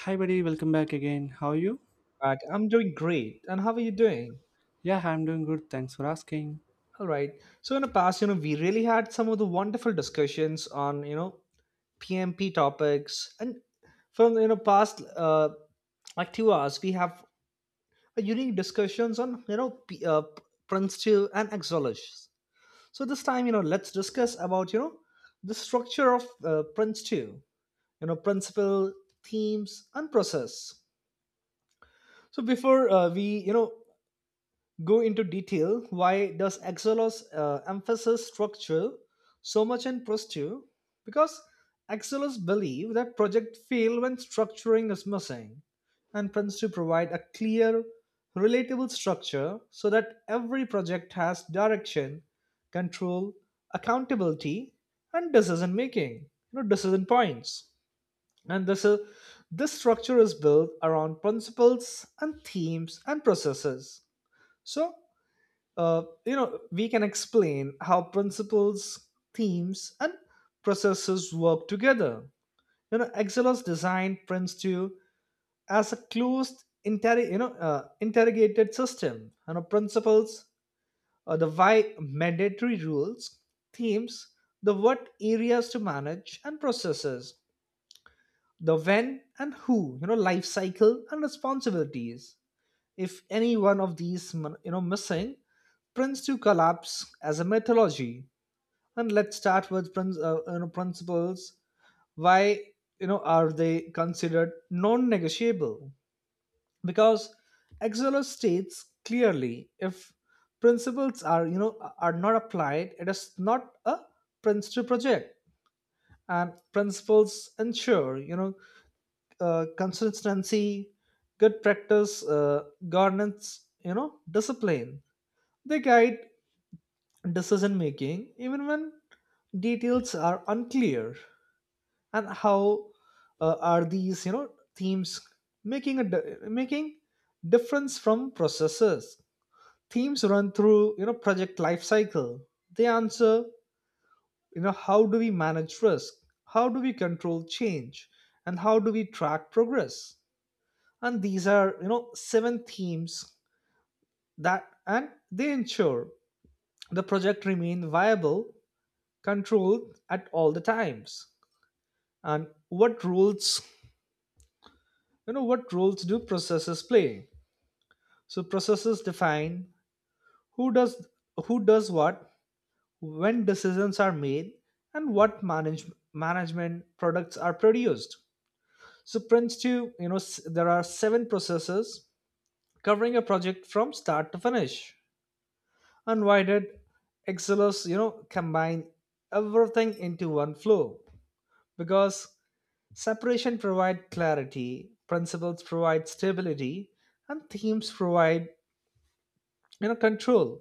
Hi, buddy. Welcome back again. How are you? Back. I'm doing great. And how are you doing? Yeah, I'm doing good. Thanks for asking. All right. So in the past, we really had some of the wonderful discussions on, PMP topics. And from, past like 2 hours, we have a unique discussions on, Prince 2 and Exologists. So this time, let's discuss about, the structure of Prince 2, principle, themes, and process. So before we, go into detail, why does Axelos emphasize structure so much in Prosture? Because Axelos believe that project fail when structuring is missing, and plans provide a clear, relatable structure so that every project has direction, control, accountability, and decision making, decision points. And this structure is built around principles and themes and processes. So we can explain how principles, themes, and processes work together. Excelos designed Prince 2 as a closed, interrogated system. Principles, the why mandatory rules, themes, the what areas to manage, and processes, the when and who, life cycle and responsibilities. If any one of these, missing, Prince 2 collapse as a mythology. And let's start with principles. Why are they considered non-negotiable? Because XLO states clearly, if principles are you know are not applied, it is not a prince to project. And principles ensure, consistency, good practice, governance, discipline. They guide decision making even when details are unclear. And how are these, themes making difference from processes? Themes run through, project life cycle. They answer, how do we manage risk, how do we control change, and how do we track progress? And these are, seven themes that, and they ensure the project remain viable, controlled at all the times. And what rules you know what roles do processes play? So processes define who does who does what, when decisions are made, and what management products are produced. So Prince 2, there are seven processes covering a project from start to finish. Unwinded, Excelos, combine everything into one flow, because separation provide clarity, principles provide stability, and themes provide, control.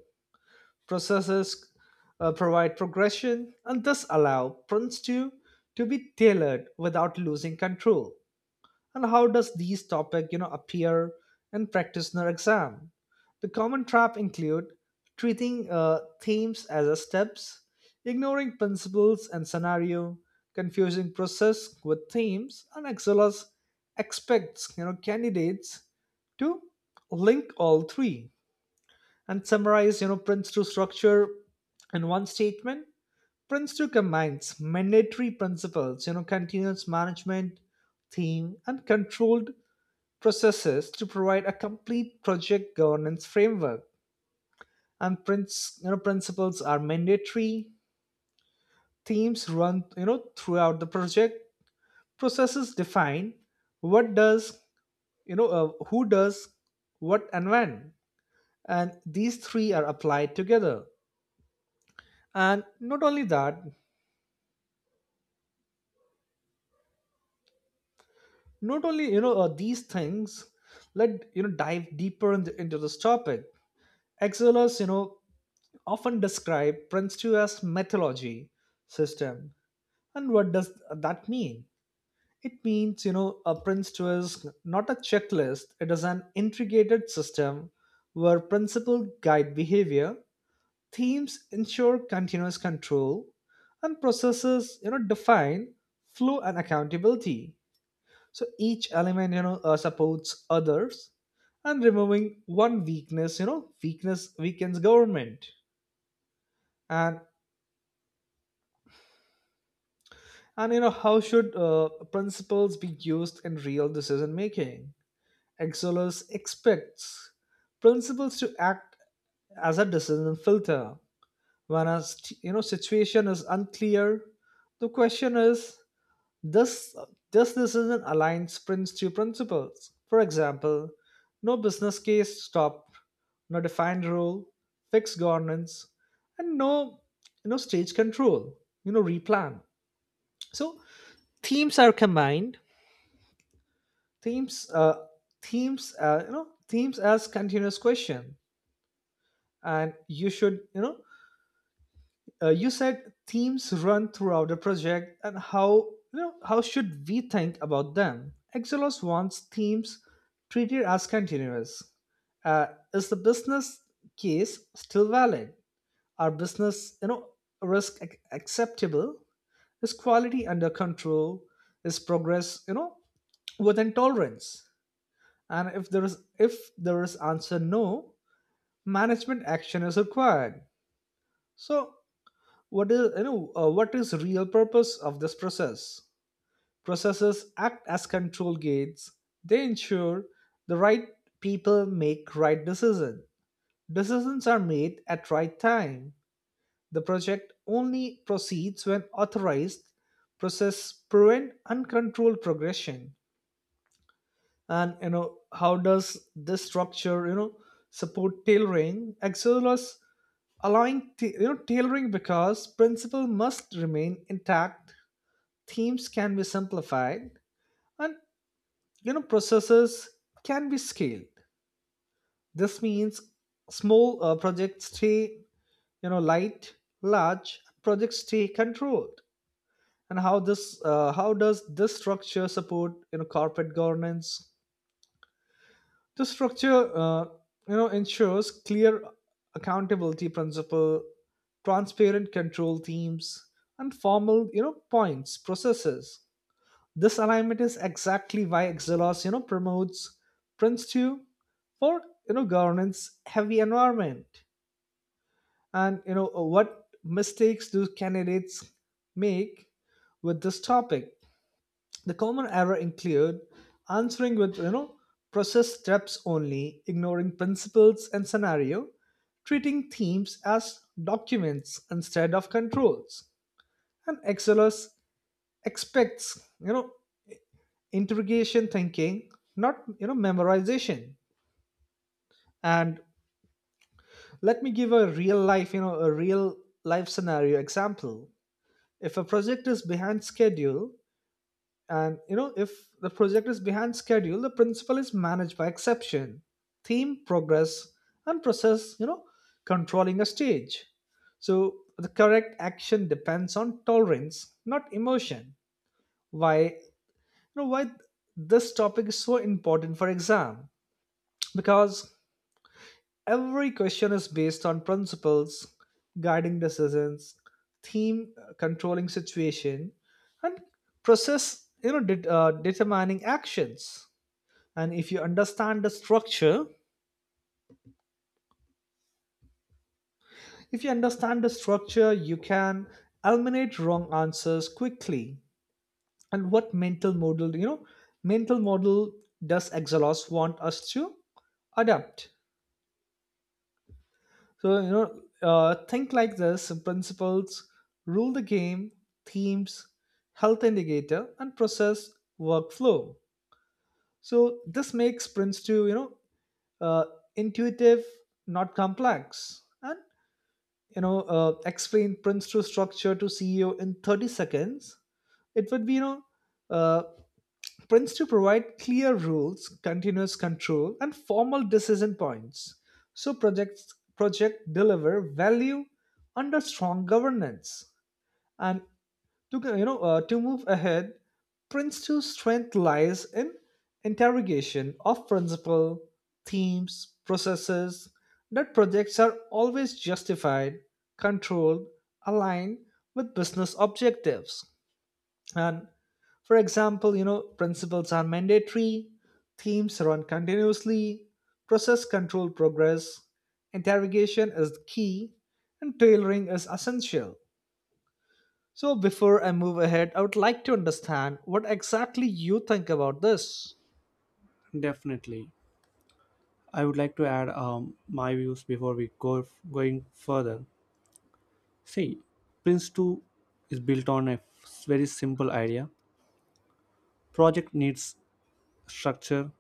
Processes, provide progression and thus allow prints to be tailored without losing control. And how does these topic, appear in practitioner exam? The common trap include treating, themes as a steps, ignoring principles and scenario, confusing process with themes. And Excelos expects, candidates to link all three and summarize, Prince 2 structure in one statement. Prince 2 combines mandatory principles, continuous management theme, and controlled processes to provide a complete project governance framework. And prince you know principles are mandatory, themes run, throughout the project, processes define what does you know who does what and when. And these three are applied together. And not only that not only, these things. Let, dive deeper into this topic. Excellers, often describe Prince 2 as mythology system. And what does that mean? It means, a Prince 2 is not a checklist, it is an integrated system where principles guide behavior, themes ensure continuous control, and processes, define flow and accountability. So each element, supports others. And removing one weakness you know weakness weakens government. And and how should, principles be used in real decision making? Exolus expects principles to act as a decision filter. When a situation is unclear, the question is, This, this decision aligns Prince 2 principles. For example, no business case stopped, no defined rule, fixed governance, and no, stage control. Replan. So themes are combined. Themes, themes, you know themes as continuous question. And you should you know you said themes run throughout the project. And how you know how should we think about them? Exelos wants themes treated as continuous. uh, is the business case still valid? Are business, acceptable? Is quality under control? Is progress, within tolerance? And if there is answer no, management action is required. So, what is real purpose of this process? Processes act as control gates. They ensure the right people make right decision. Decisions are made at right time. The project only proceeds when authorized. Process prevent uncontrolled progression. And how does this structure, support tailoring? Axelos allowing tailoring because principle must remain intact. Themes can be simplified, and, processes can be scaled. This means small, projects stay, light, large projects stay controlled. And how does this structure support, corporate governance? The structure, ensures clear accountability principle, transparent control themes, and formal, points processes. This alignment is exactly why Xelos, promotes Prince 2 for, governance heavy environment. And what mistakes do candidates make with this topic? The common error include answering with, process steps only, ignoring principles and scenario, treating themes as documents instead of controls. And Excelus expects, interrogation thinking, not, memorization. And let me give a real life scenario example. If a project is behind schedule, and, if the project is behind schedule, the principle is managed by exception, theme progress, and process, controlling a stage. So the correct action depends on tolerance, not emotion. Why why this topic is so important for exam? Because every question is based on principles guiding decisions, theme, controlling situation, and process, determining actions. And if you understand the structure, if you understand the structure, you can eliminate wrong answers quickly. And what mental model does Exelos want us to adapt? So, think like this: principles rule the game, themes, health indicator, and process workflow. So, this makes Prince 2, uh, intuitive, not complex. And, explain Prince 2 structure to CEO in 30 seconds. It would be, uh, Prince to provide clear rules, continuous control, and formal decision points, so project deliver value under strong governance. And to you know to move ahead, Prince 2's strength lies in interrogation of principle, themes, processes, that projects are always justified, controlled, aligned with business objectives. And for example, principles are mandatory, themes run continuously, process control progress, interrogation is the key, and tailoring is essential. So, before I move ahead, I would like to understand what exactly you think about this. Definitely. I would like to add my views before we going further. See, Prince 2 is built on a very simple idea. Project needs structure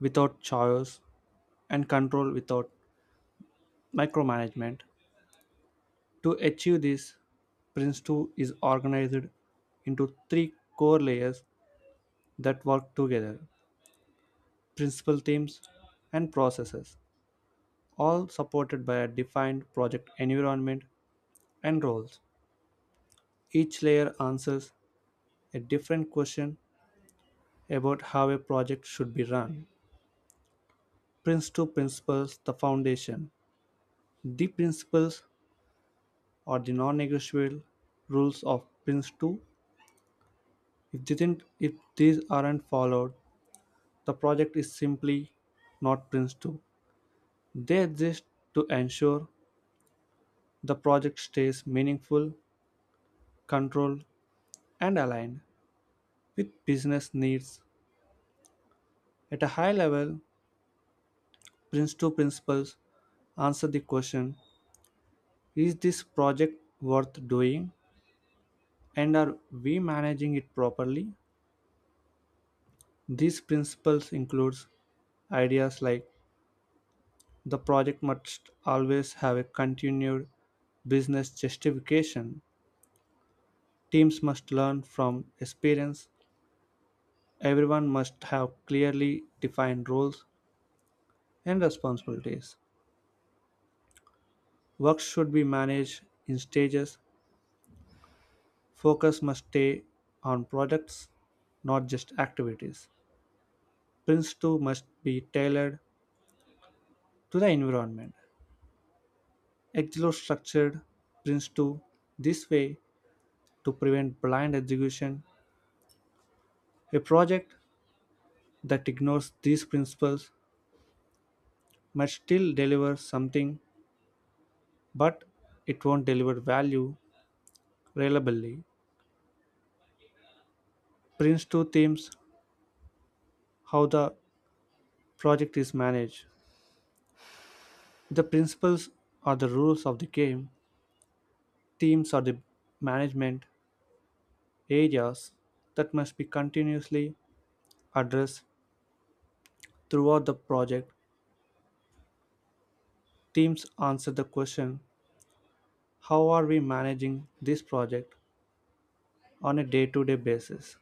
without chaos and control without micromanagement. To achieve this, Prince 2 is organized into three core layers that work together principal themes and processes, all supported by a defined project environment and roles. Each layer answers a different question about how a project should be run. Prince 2 principles, the foundation. The principles are the non negotiable rules of Prince 2. If these aren't followed, the project is simply not Prince 2. They exist to ensure the project stays meaningful, controlled, and aligned with business needs. At a high level, Prince 2 principles answer the question, is this project worth doing? And are we managing it properly? These principles include ideas like the project must always have a continued business justification. Teams must learn from experience. Everyone must have clearly defined roles and responsibilities. Work should be managed in stages. Focus must stay on products, not just activities. Prince 2 must be tailored to the environment. Explore structured Prince 2 this way to prevent blind execution. A project that ignores these principles might still deliver something, but it won't deliver value reliably. Prince 2 themes, how the project is managed. The principles are the rules of the game, themes are the management areas that must be continuously addressed throughout the project. Teams answer the question, how are we managing this project on a day to day basis?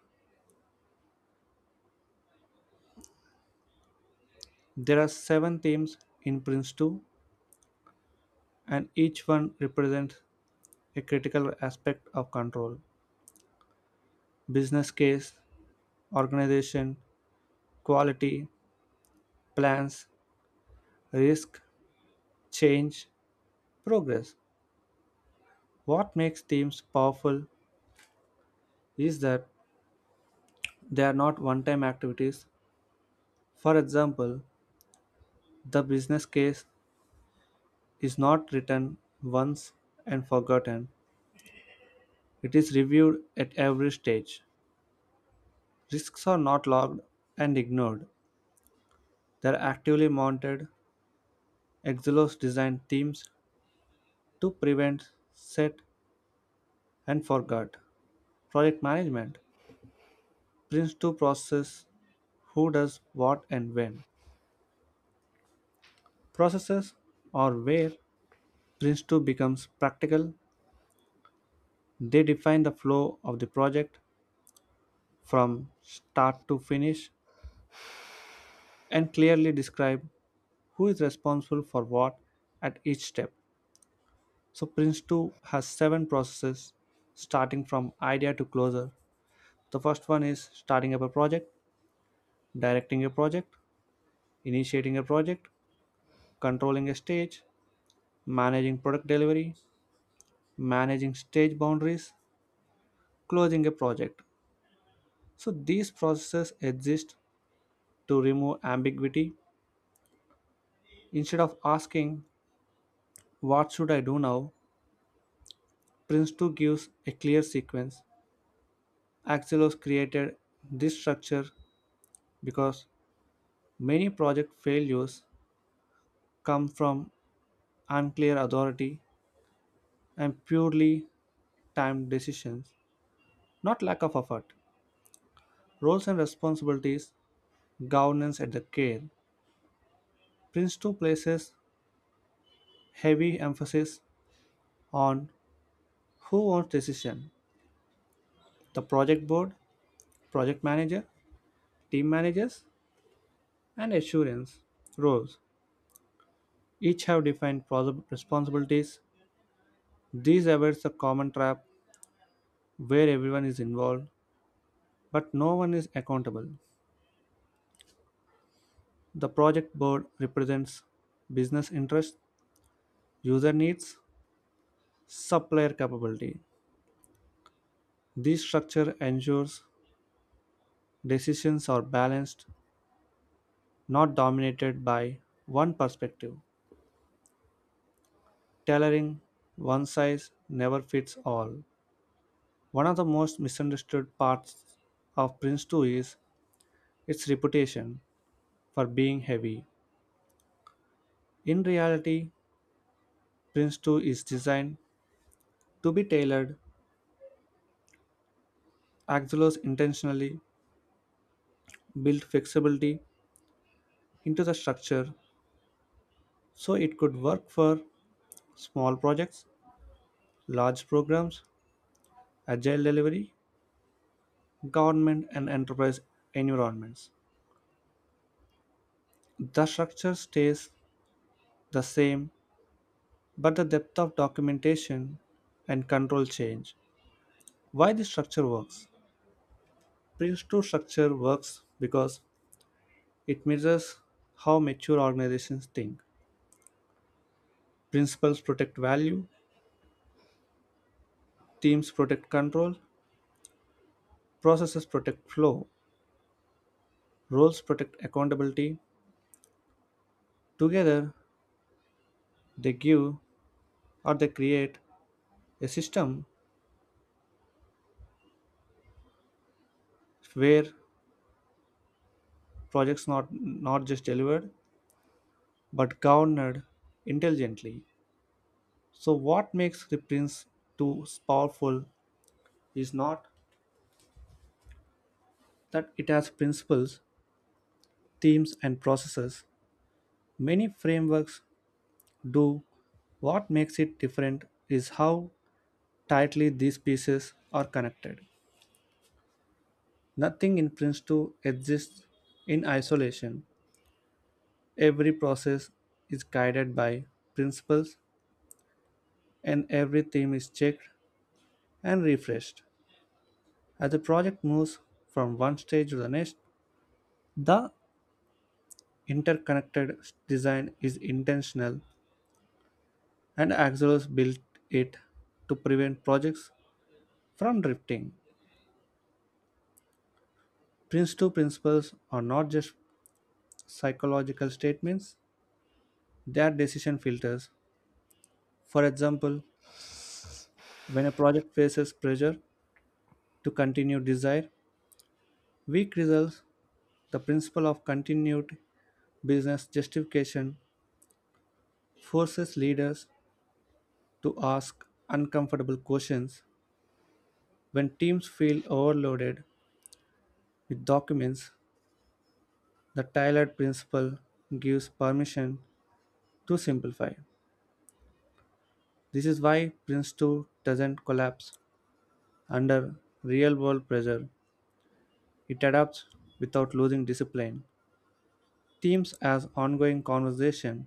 There are seven themes in Prince 2, and each one represents a critical aspect of control: business case, organization, quality, plans, risk, change, progress. What makes themes powerful is that they are not one time activities. For example, the business case is not written once and forgotten, it is reviewed at every stage. Risks are not logged and ignored. There are actively mounted. Exelos design teams to prevent, set, and forget. Project management brings to process who does what and when. Processes or where Prince 2 becomes practical. They define the flow of the project from start to finish and clearly describe who is responsible for what at each step. So Prince 2 has seven processes starting from idea to closure. The first one is starting up a project, directing a project, initiating a project, controlling a stage, managing product delivery, managing stage boundaries, closing a project. So these processes exist to remove ambiguity. Instead of asking, what should I do now? Prince 2 gives a clear sequence. Axelos created this structure because many project failures come from unclear authority and purely timed decisions, not lack of effort. Roles and responsibilities, governance at the care. Prince 2 places heavy emphasis on who owns decision, the project board, project manager, team managers, and assurance roles. Each have defined responsibilities. These avoids the common trap where everyone is involved but no one is accountable. The project board represents business interests, user needs, supplier capability. This structure ensures decisions are balanced, not dominated by one perspective. Tailoring, one size never fits all. One of the most misunderstood parts of Prince 2 is its reputation for being heavy. In reality, Prince 2 is designed to be tailored. Axelos intentionally built flexibility into the structure so it could work for small projects, large programs, agile delivery, government and enterprise environments. The structure stays the same, but the depth of documentation and control change. Why this structure works? Prince 2 structure works because it mirrors how mature organizations think. Principles protect value, teams protect control, processes protect flow, roles protect accountability. Together, they give or they create a system where projects not just delivered but governed intelligently. So what makes the prince too powerful is not that it has principles, themes and processes. Many frameworks do. What makes it different is how tightly these pieces are connected. Nothing in Prince 2 exists in isolation. Every process is guided by principles and every theme is checked and refreshed. As the project moves from one stage to the next, the interconnected design is intentional and Axelos built it to prevent projects from drifting. Prince 2 principles are not just psychological statements, they are decision filters. For example, when a project faces pressure to continued desire. Weak results, the principle of continued business justification, forces leaders to ask uncomfortable questions. When teams feel overloaded with documents, the tailored principle gives permission to simplify. This is why Prince 2 doesn't collapse under real world pressure. It adapts without losing discipline. Themes as ongoing conversation.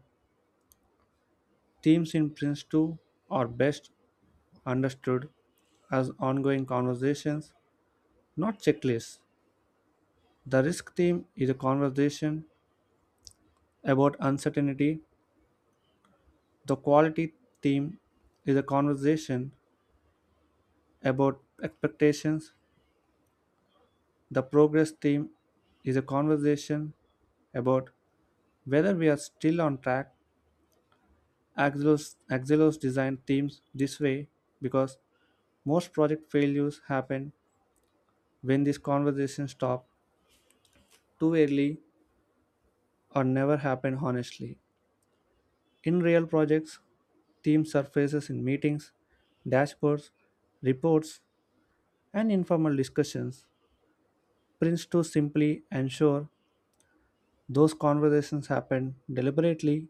Themes in Prince 2 are best understood as ongoing conversations, not checklists. The risk theme is a conversation about uncertainty. The quality theme is a conversation about expectations. The progress theme is a conversation about whether we are still on track. Axilos designed themes this way because most project failures happen when these conversations stop too early or never happen honestly. In real projects, themes surfaces in meetings, dashboards, reports, and informal discussions. Prints to simply ensure those conversations happen deliberately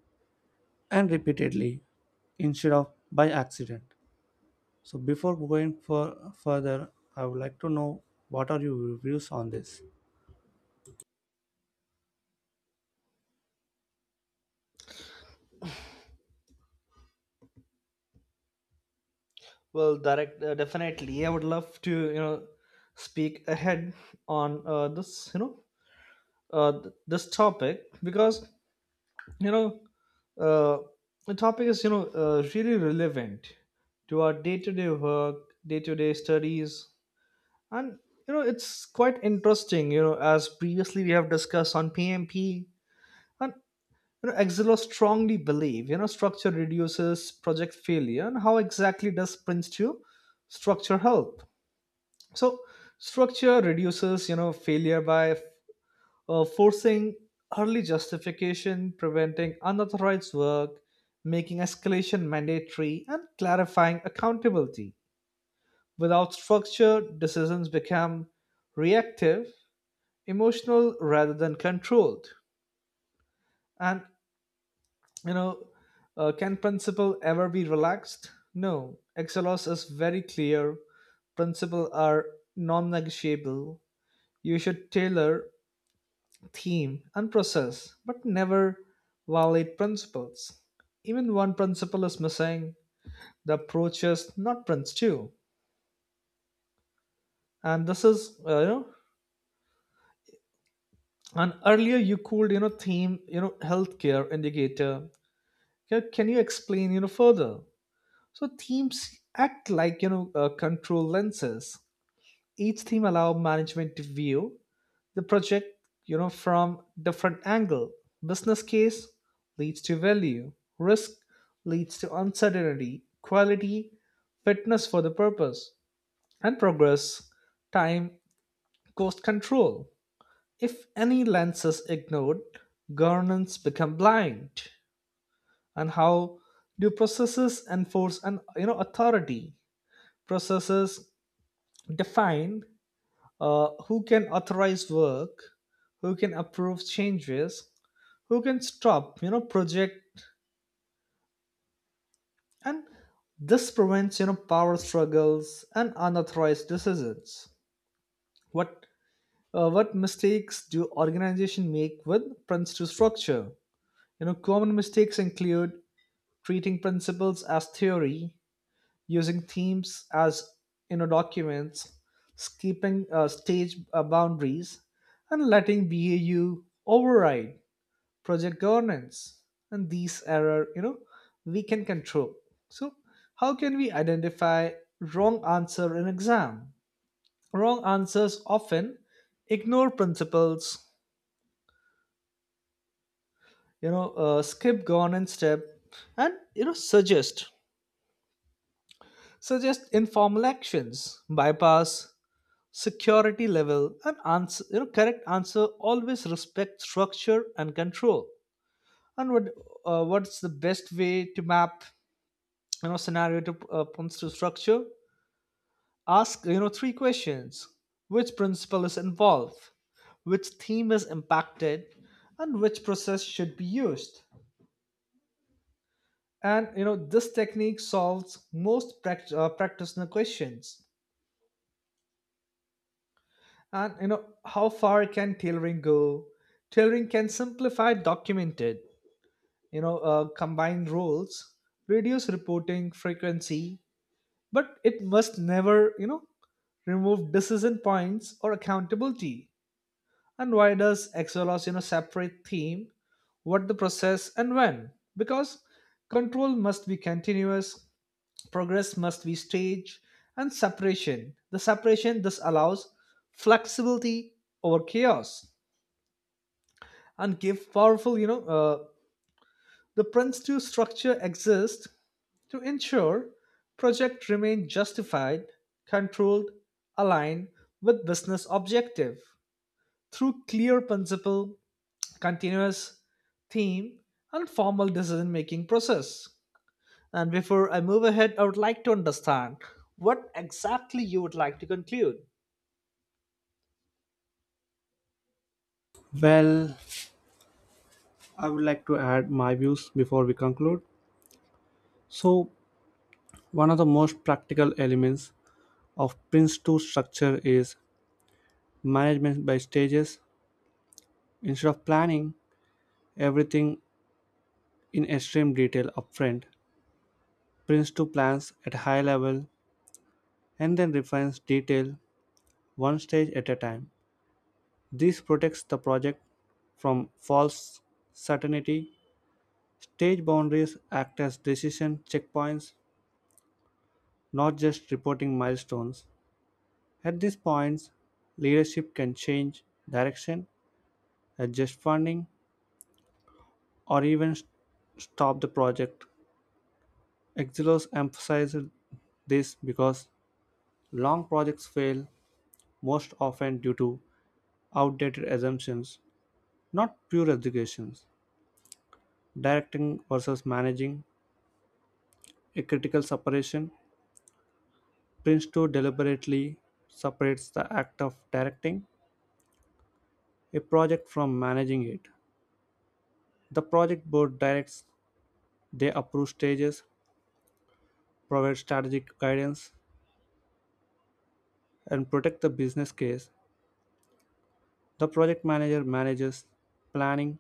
and repeatedly instead of by accident. So before going for further, I would like to know, what are your views on this? Well, direct definitely. I would love to, speak ahead on, this, this topic, because, you know uh, the topic is, really relevant to our day-to-day work, day-to-day studies. And, it's quite interesting, as previously we have discussed on PMP. And, Exilo strongly believe, structure reduces project failure. And how exactly does Prince 2 structure help? So structure reduces, failure by, forcing early justification, preventing unauthorized work, making escalation mandatory, and clarifying accountability. Without structure, decisions become reactive, emotional rather than controlled. And, you know, can principle ever be relaxed? No. Excelos is very clear. Principle are non-negotiable. You should tailor theme, and process, but never violate principles. Even one principle is missing, the approach is not Prince 2. And this is, uh, you know, and earlier you called, theme, healthcare indicator. Can you explain, further? So themes act like, control lenses. Each theme allow management to view the project, from different angle. Business case leads to value, risk leads to uncertainty, quality fitness for the purpose, and progress time cost control. If any lens is ignored, governance become blind. And how do processes enforce an, authority? Processes define, who can authorize work, who can approve changes, who can stop, project. And this prevents, power struggles and unauthorized decisions. What what mistakes do organizations make with principle structure? Common mistakes include treating principles as theory, using themes as, documents, skipping, stage, boundaries, and letting BAU override project governance. And these error, we can control. So how can we identify wrong answer in exam? Wrong answers often ignore principles, skip governance step, and, suggest informal actions, bypass security level. And answer, correct answer always respect structure and control. And what's the best way to map, scenario to, points to structure? Ask, three questions: which principle is involved, which theme is impacted, and which process should be used. And, this technique solves most practitioner questions. And, how far can tailoring go? Tailoring can simplify documented, combine roles, reduce reporting frequency, but it must never, remove decision points or accountability. And why does Excelos, separate theme what the process and when? Because control must be continuous, progress must be staged. And separation this allows flexibility over chaos. And give powerful, The prince to structure exist to ensure project remain justified, controlled, aligned with business objective through clear principle, continuous theme, and formal decision making process. And before I move ahead, I would like to understand what exactly you would like to conclude. Well, I would like to add my views before we conclude. So, one of the most practical elements of Prince2 structure is management by stages. Instead of planning everything in extreme detail upfront, Prince 2 plans at a high level and then refines detail one stage at a time. This protects the project from false certainty. Stage boundaries act as decision checkpoints, not just reporting milestones. At these points, leadership can change direction, adjust funding, or even stop the project. Exilos emphasized this because long projects fail most often due to outdated assumptions, not pure educations. Directing versus managing, a critical separation, Prince 2 deliberately separates the act of directing a project from managing it. The project board directs, they approve stages, provide strategic guidance, and protect the business case. The project manager manages planning,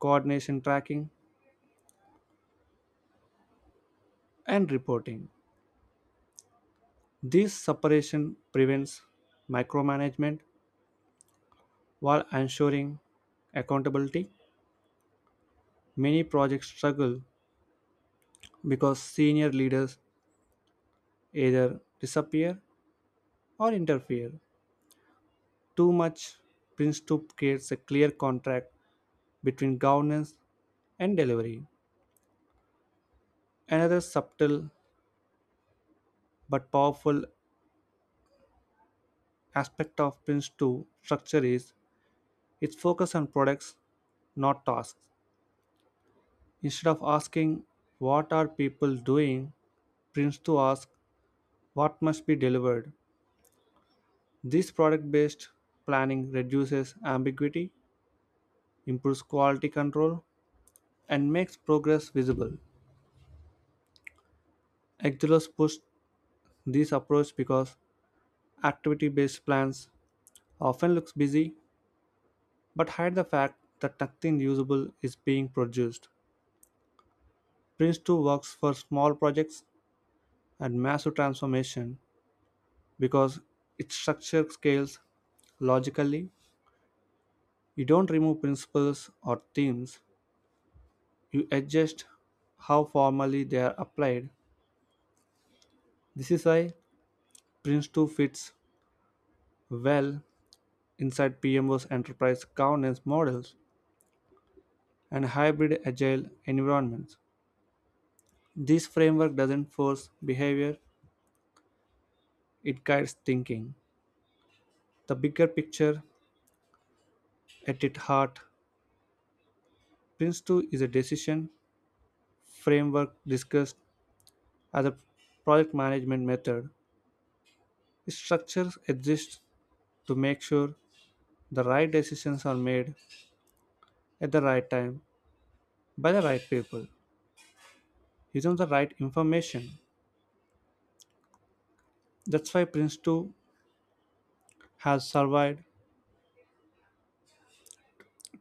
coordination tracking, and reporting. This separation prevents micromanagement while ensuring accountability. Many projects struggle because senior leaders either disappear or interfere too much. Prince 2 creates a clear contract between governance and delivery. Another subtle but powerful aspect of Prince 2 structure is its focus on products, not tasks. Instead of asking what are people doing, prints to ask what must be delivered. This product based planning reduces ambiguity, improves quality control, and makes progress visible. Excelos pushed this approach because activity based plans often look busy but hide the fact that nothing usable is being produced. Prince 2 works for small projects and massive transformation because its structure scales logically. You don't remove principles or themes, you adjust how formally they are applied. This is why Prince2 fits well inside PMO's enterprise governance models and hybrid agile environments. This framework doesn't force behavior, it guides thinking. The bigger picture, at its heart, Prince2 is a decision framework discussed as a project management method. Its structures exist to make sure the right decisions are made at the right time by the right people using the right information. That's why Prince2 has survived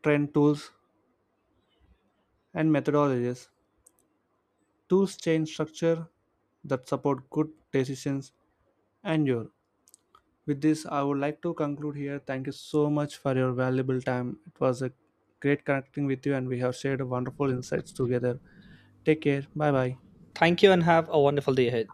trend tools and methodologies. Tools change structure that support good decisions and your. With this, I would like to conclude here. Thank you so much for your valuable time. It was a great connecting with you, and we have shared wonderful insights together. Take care. Bye bye. Thank you and have a wonderful day ahead.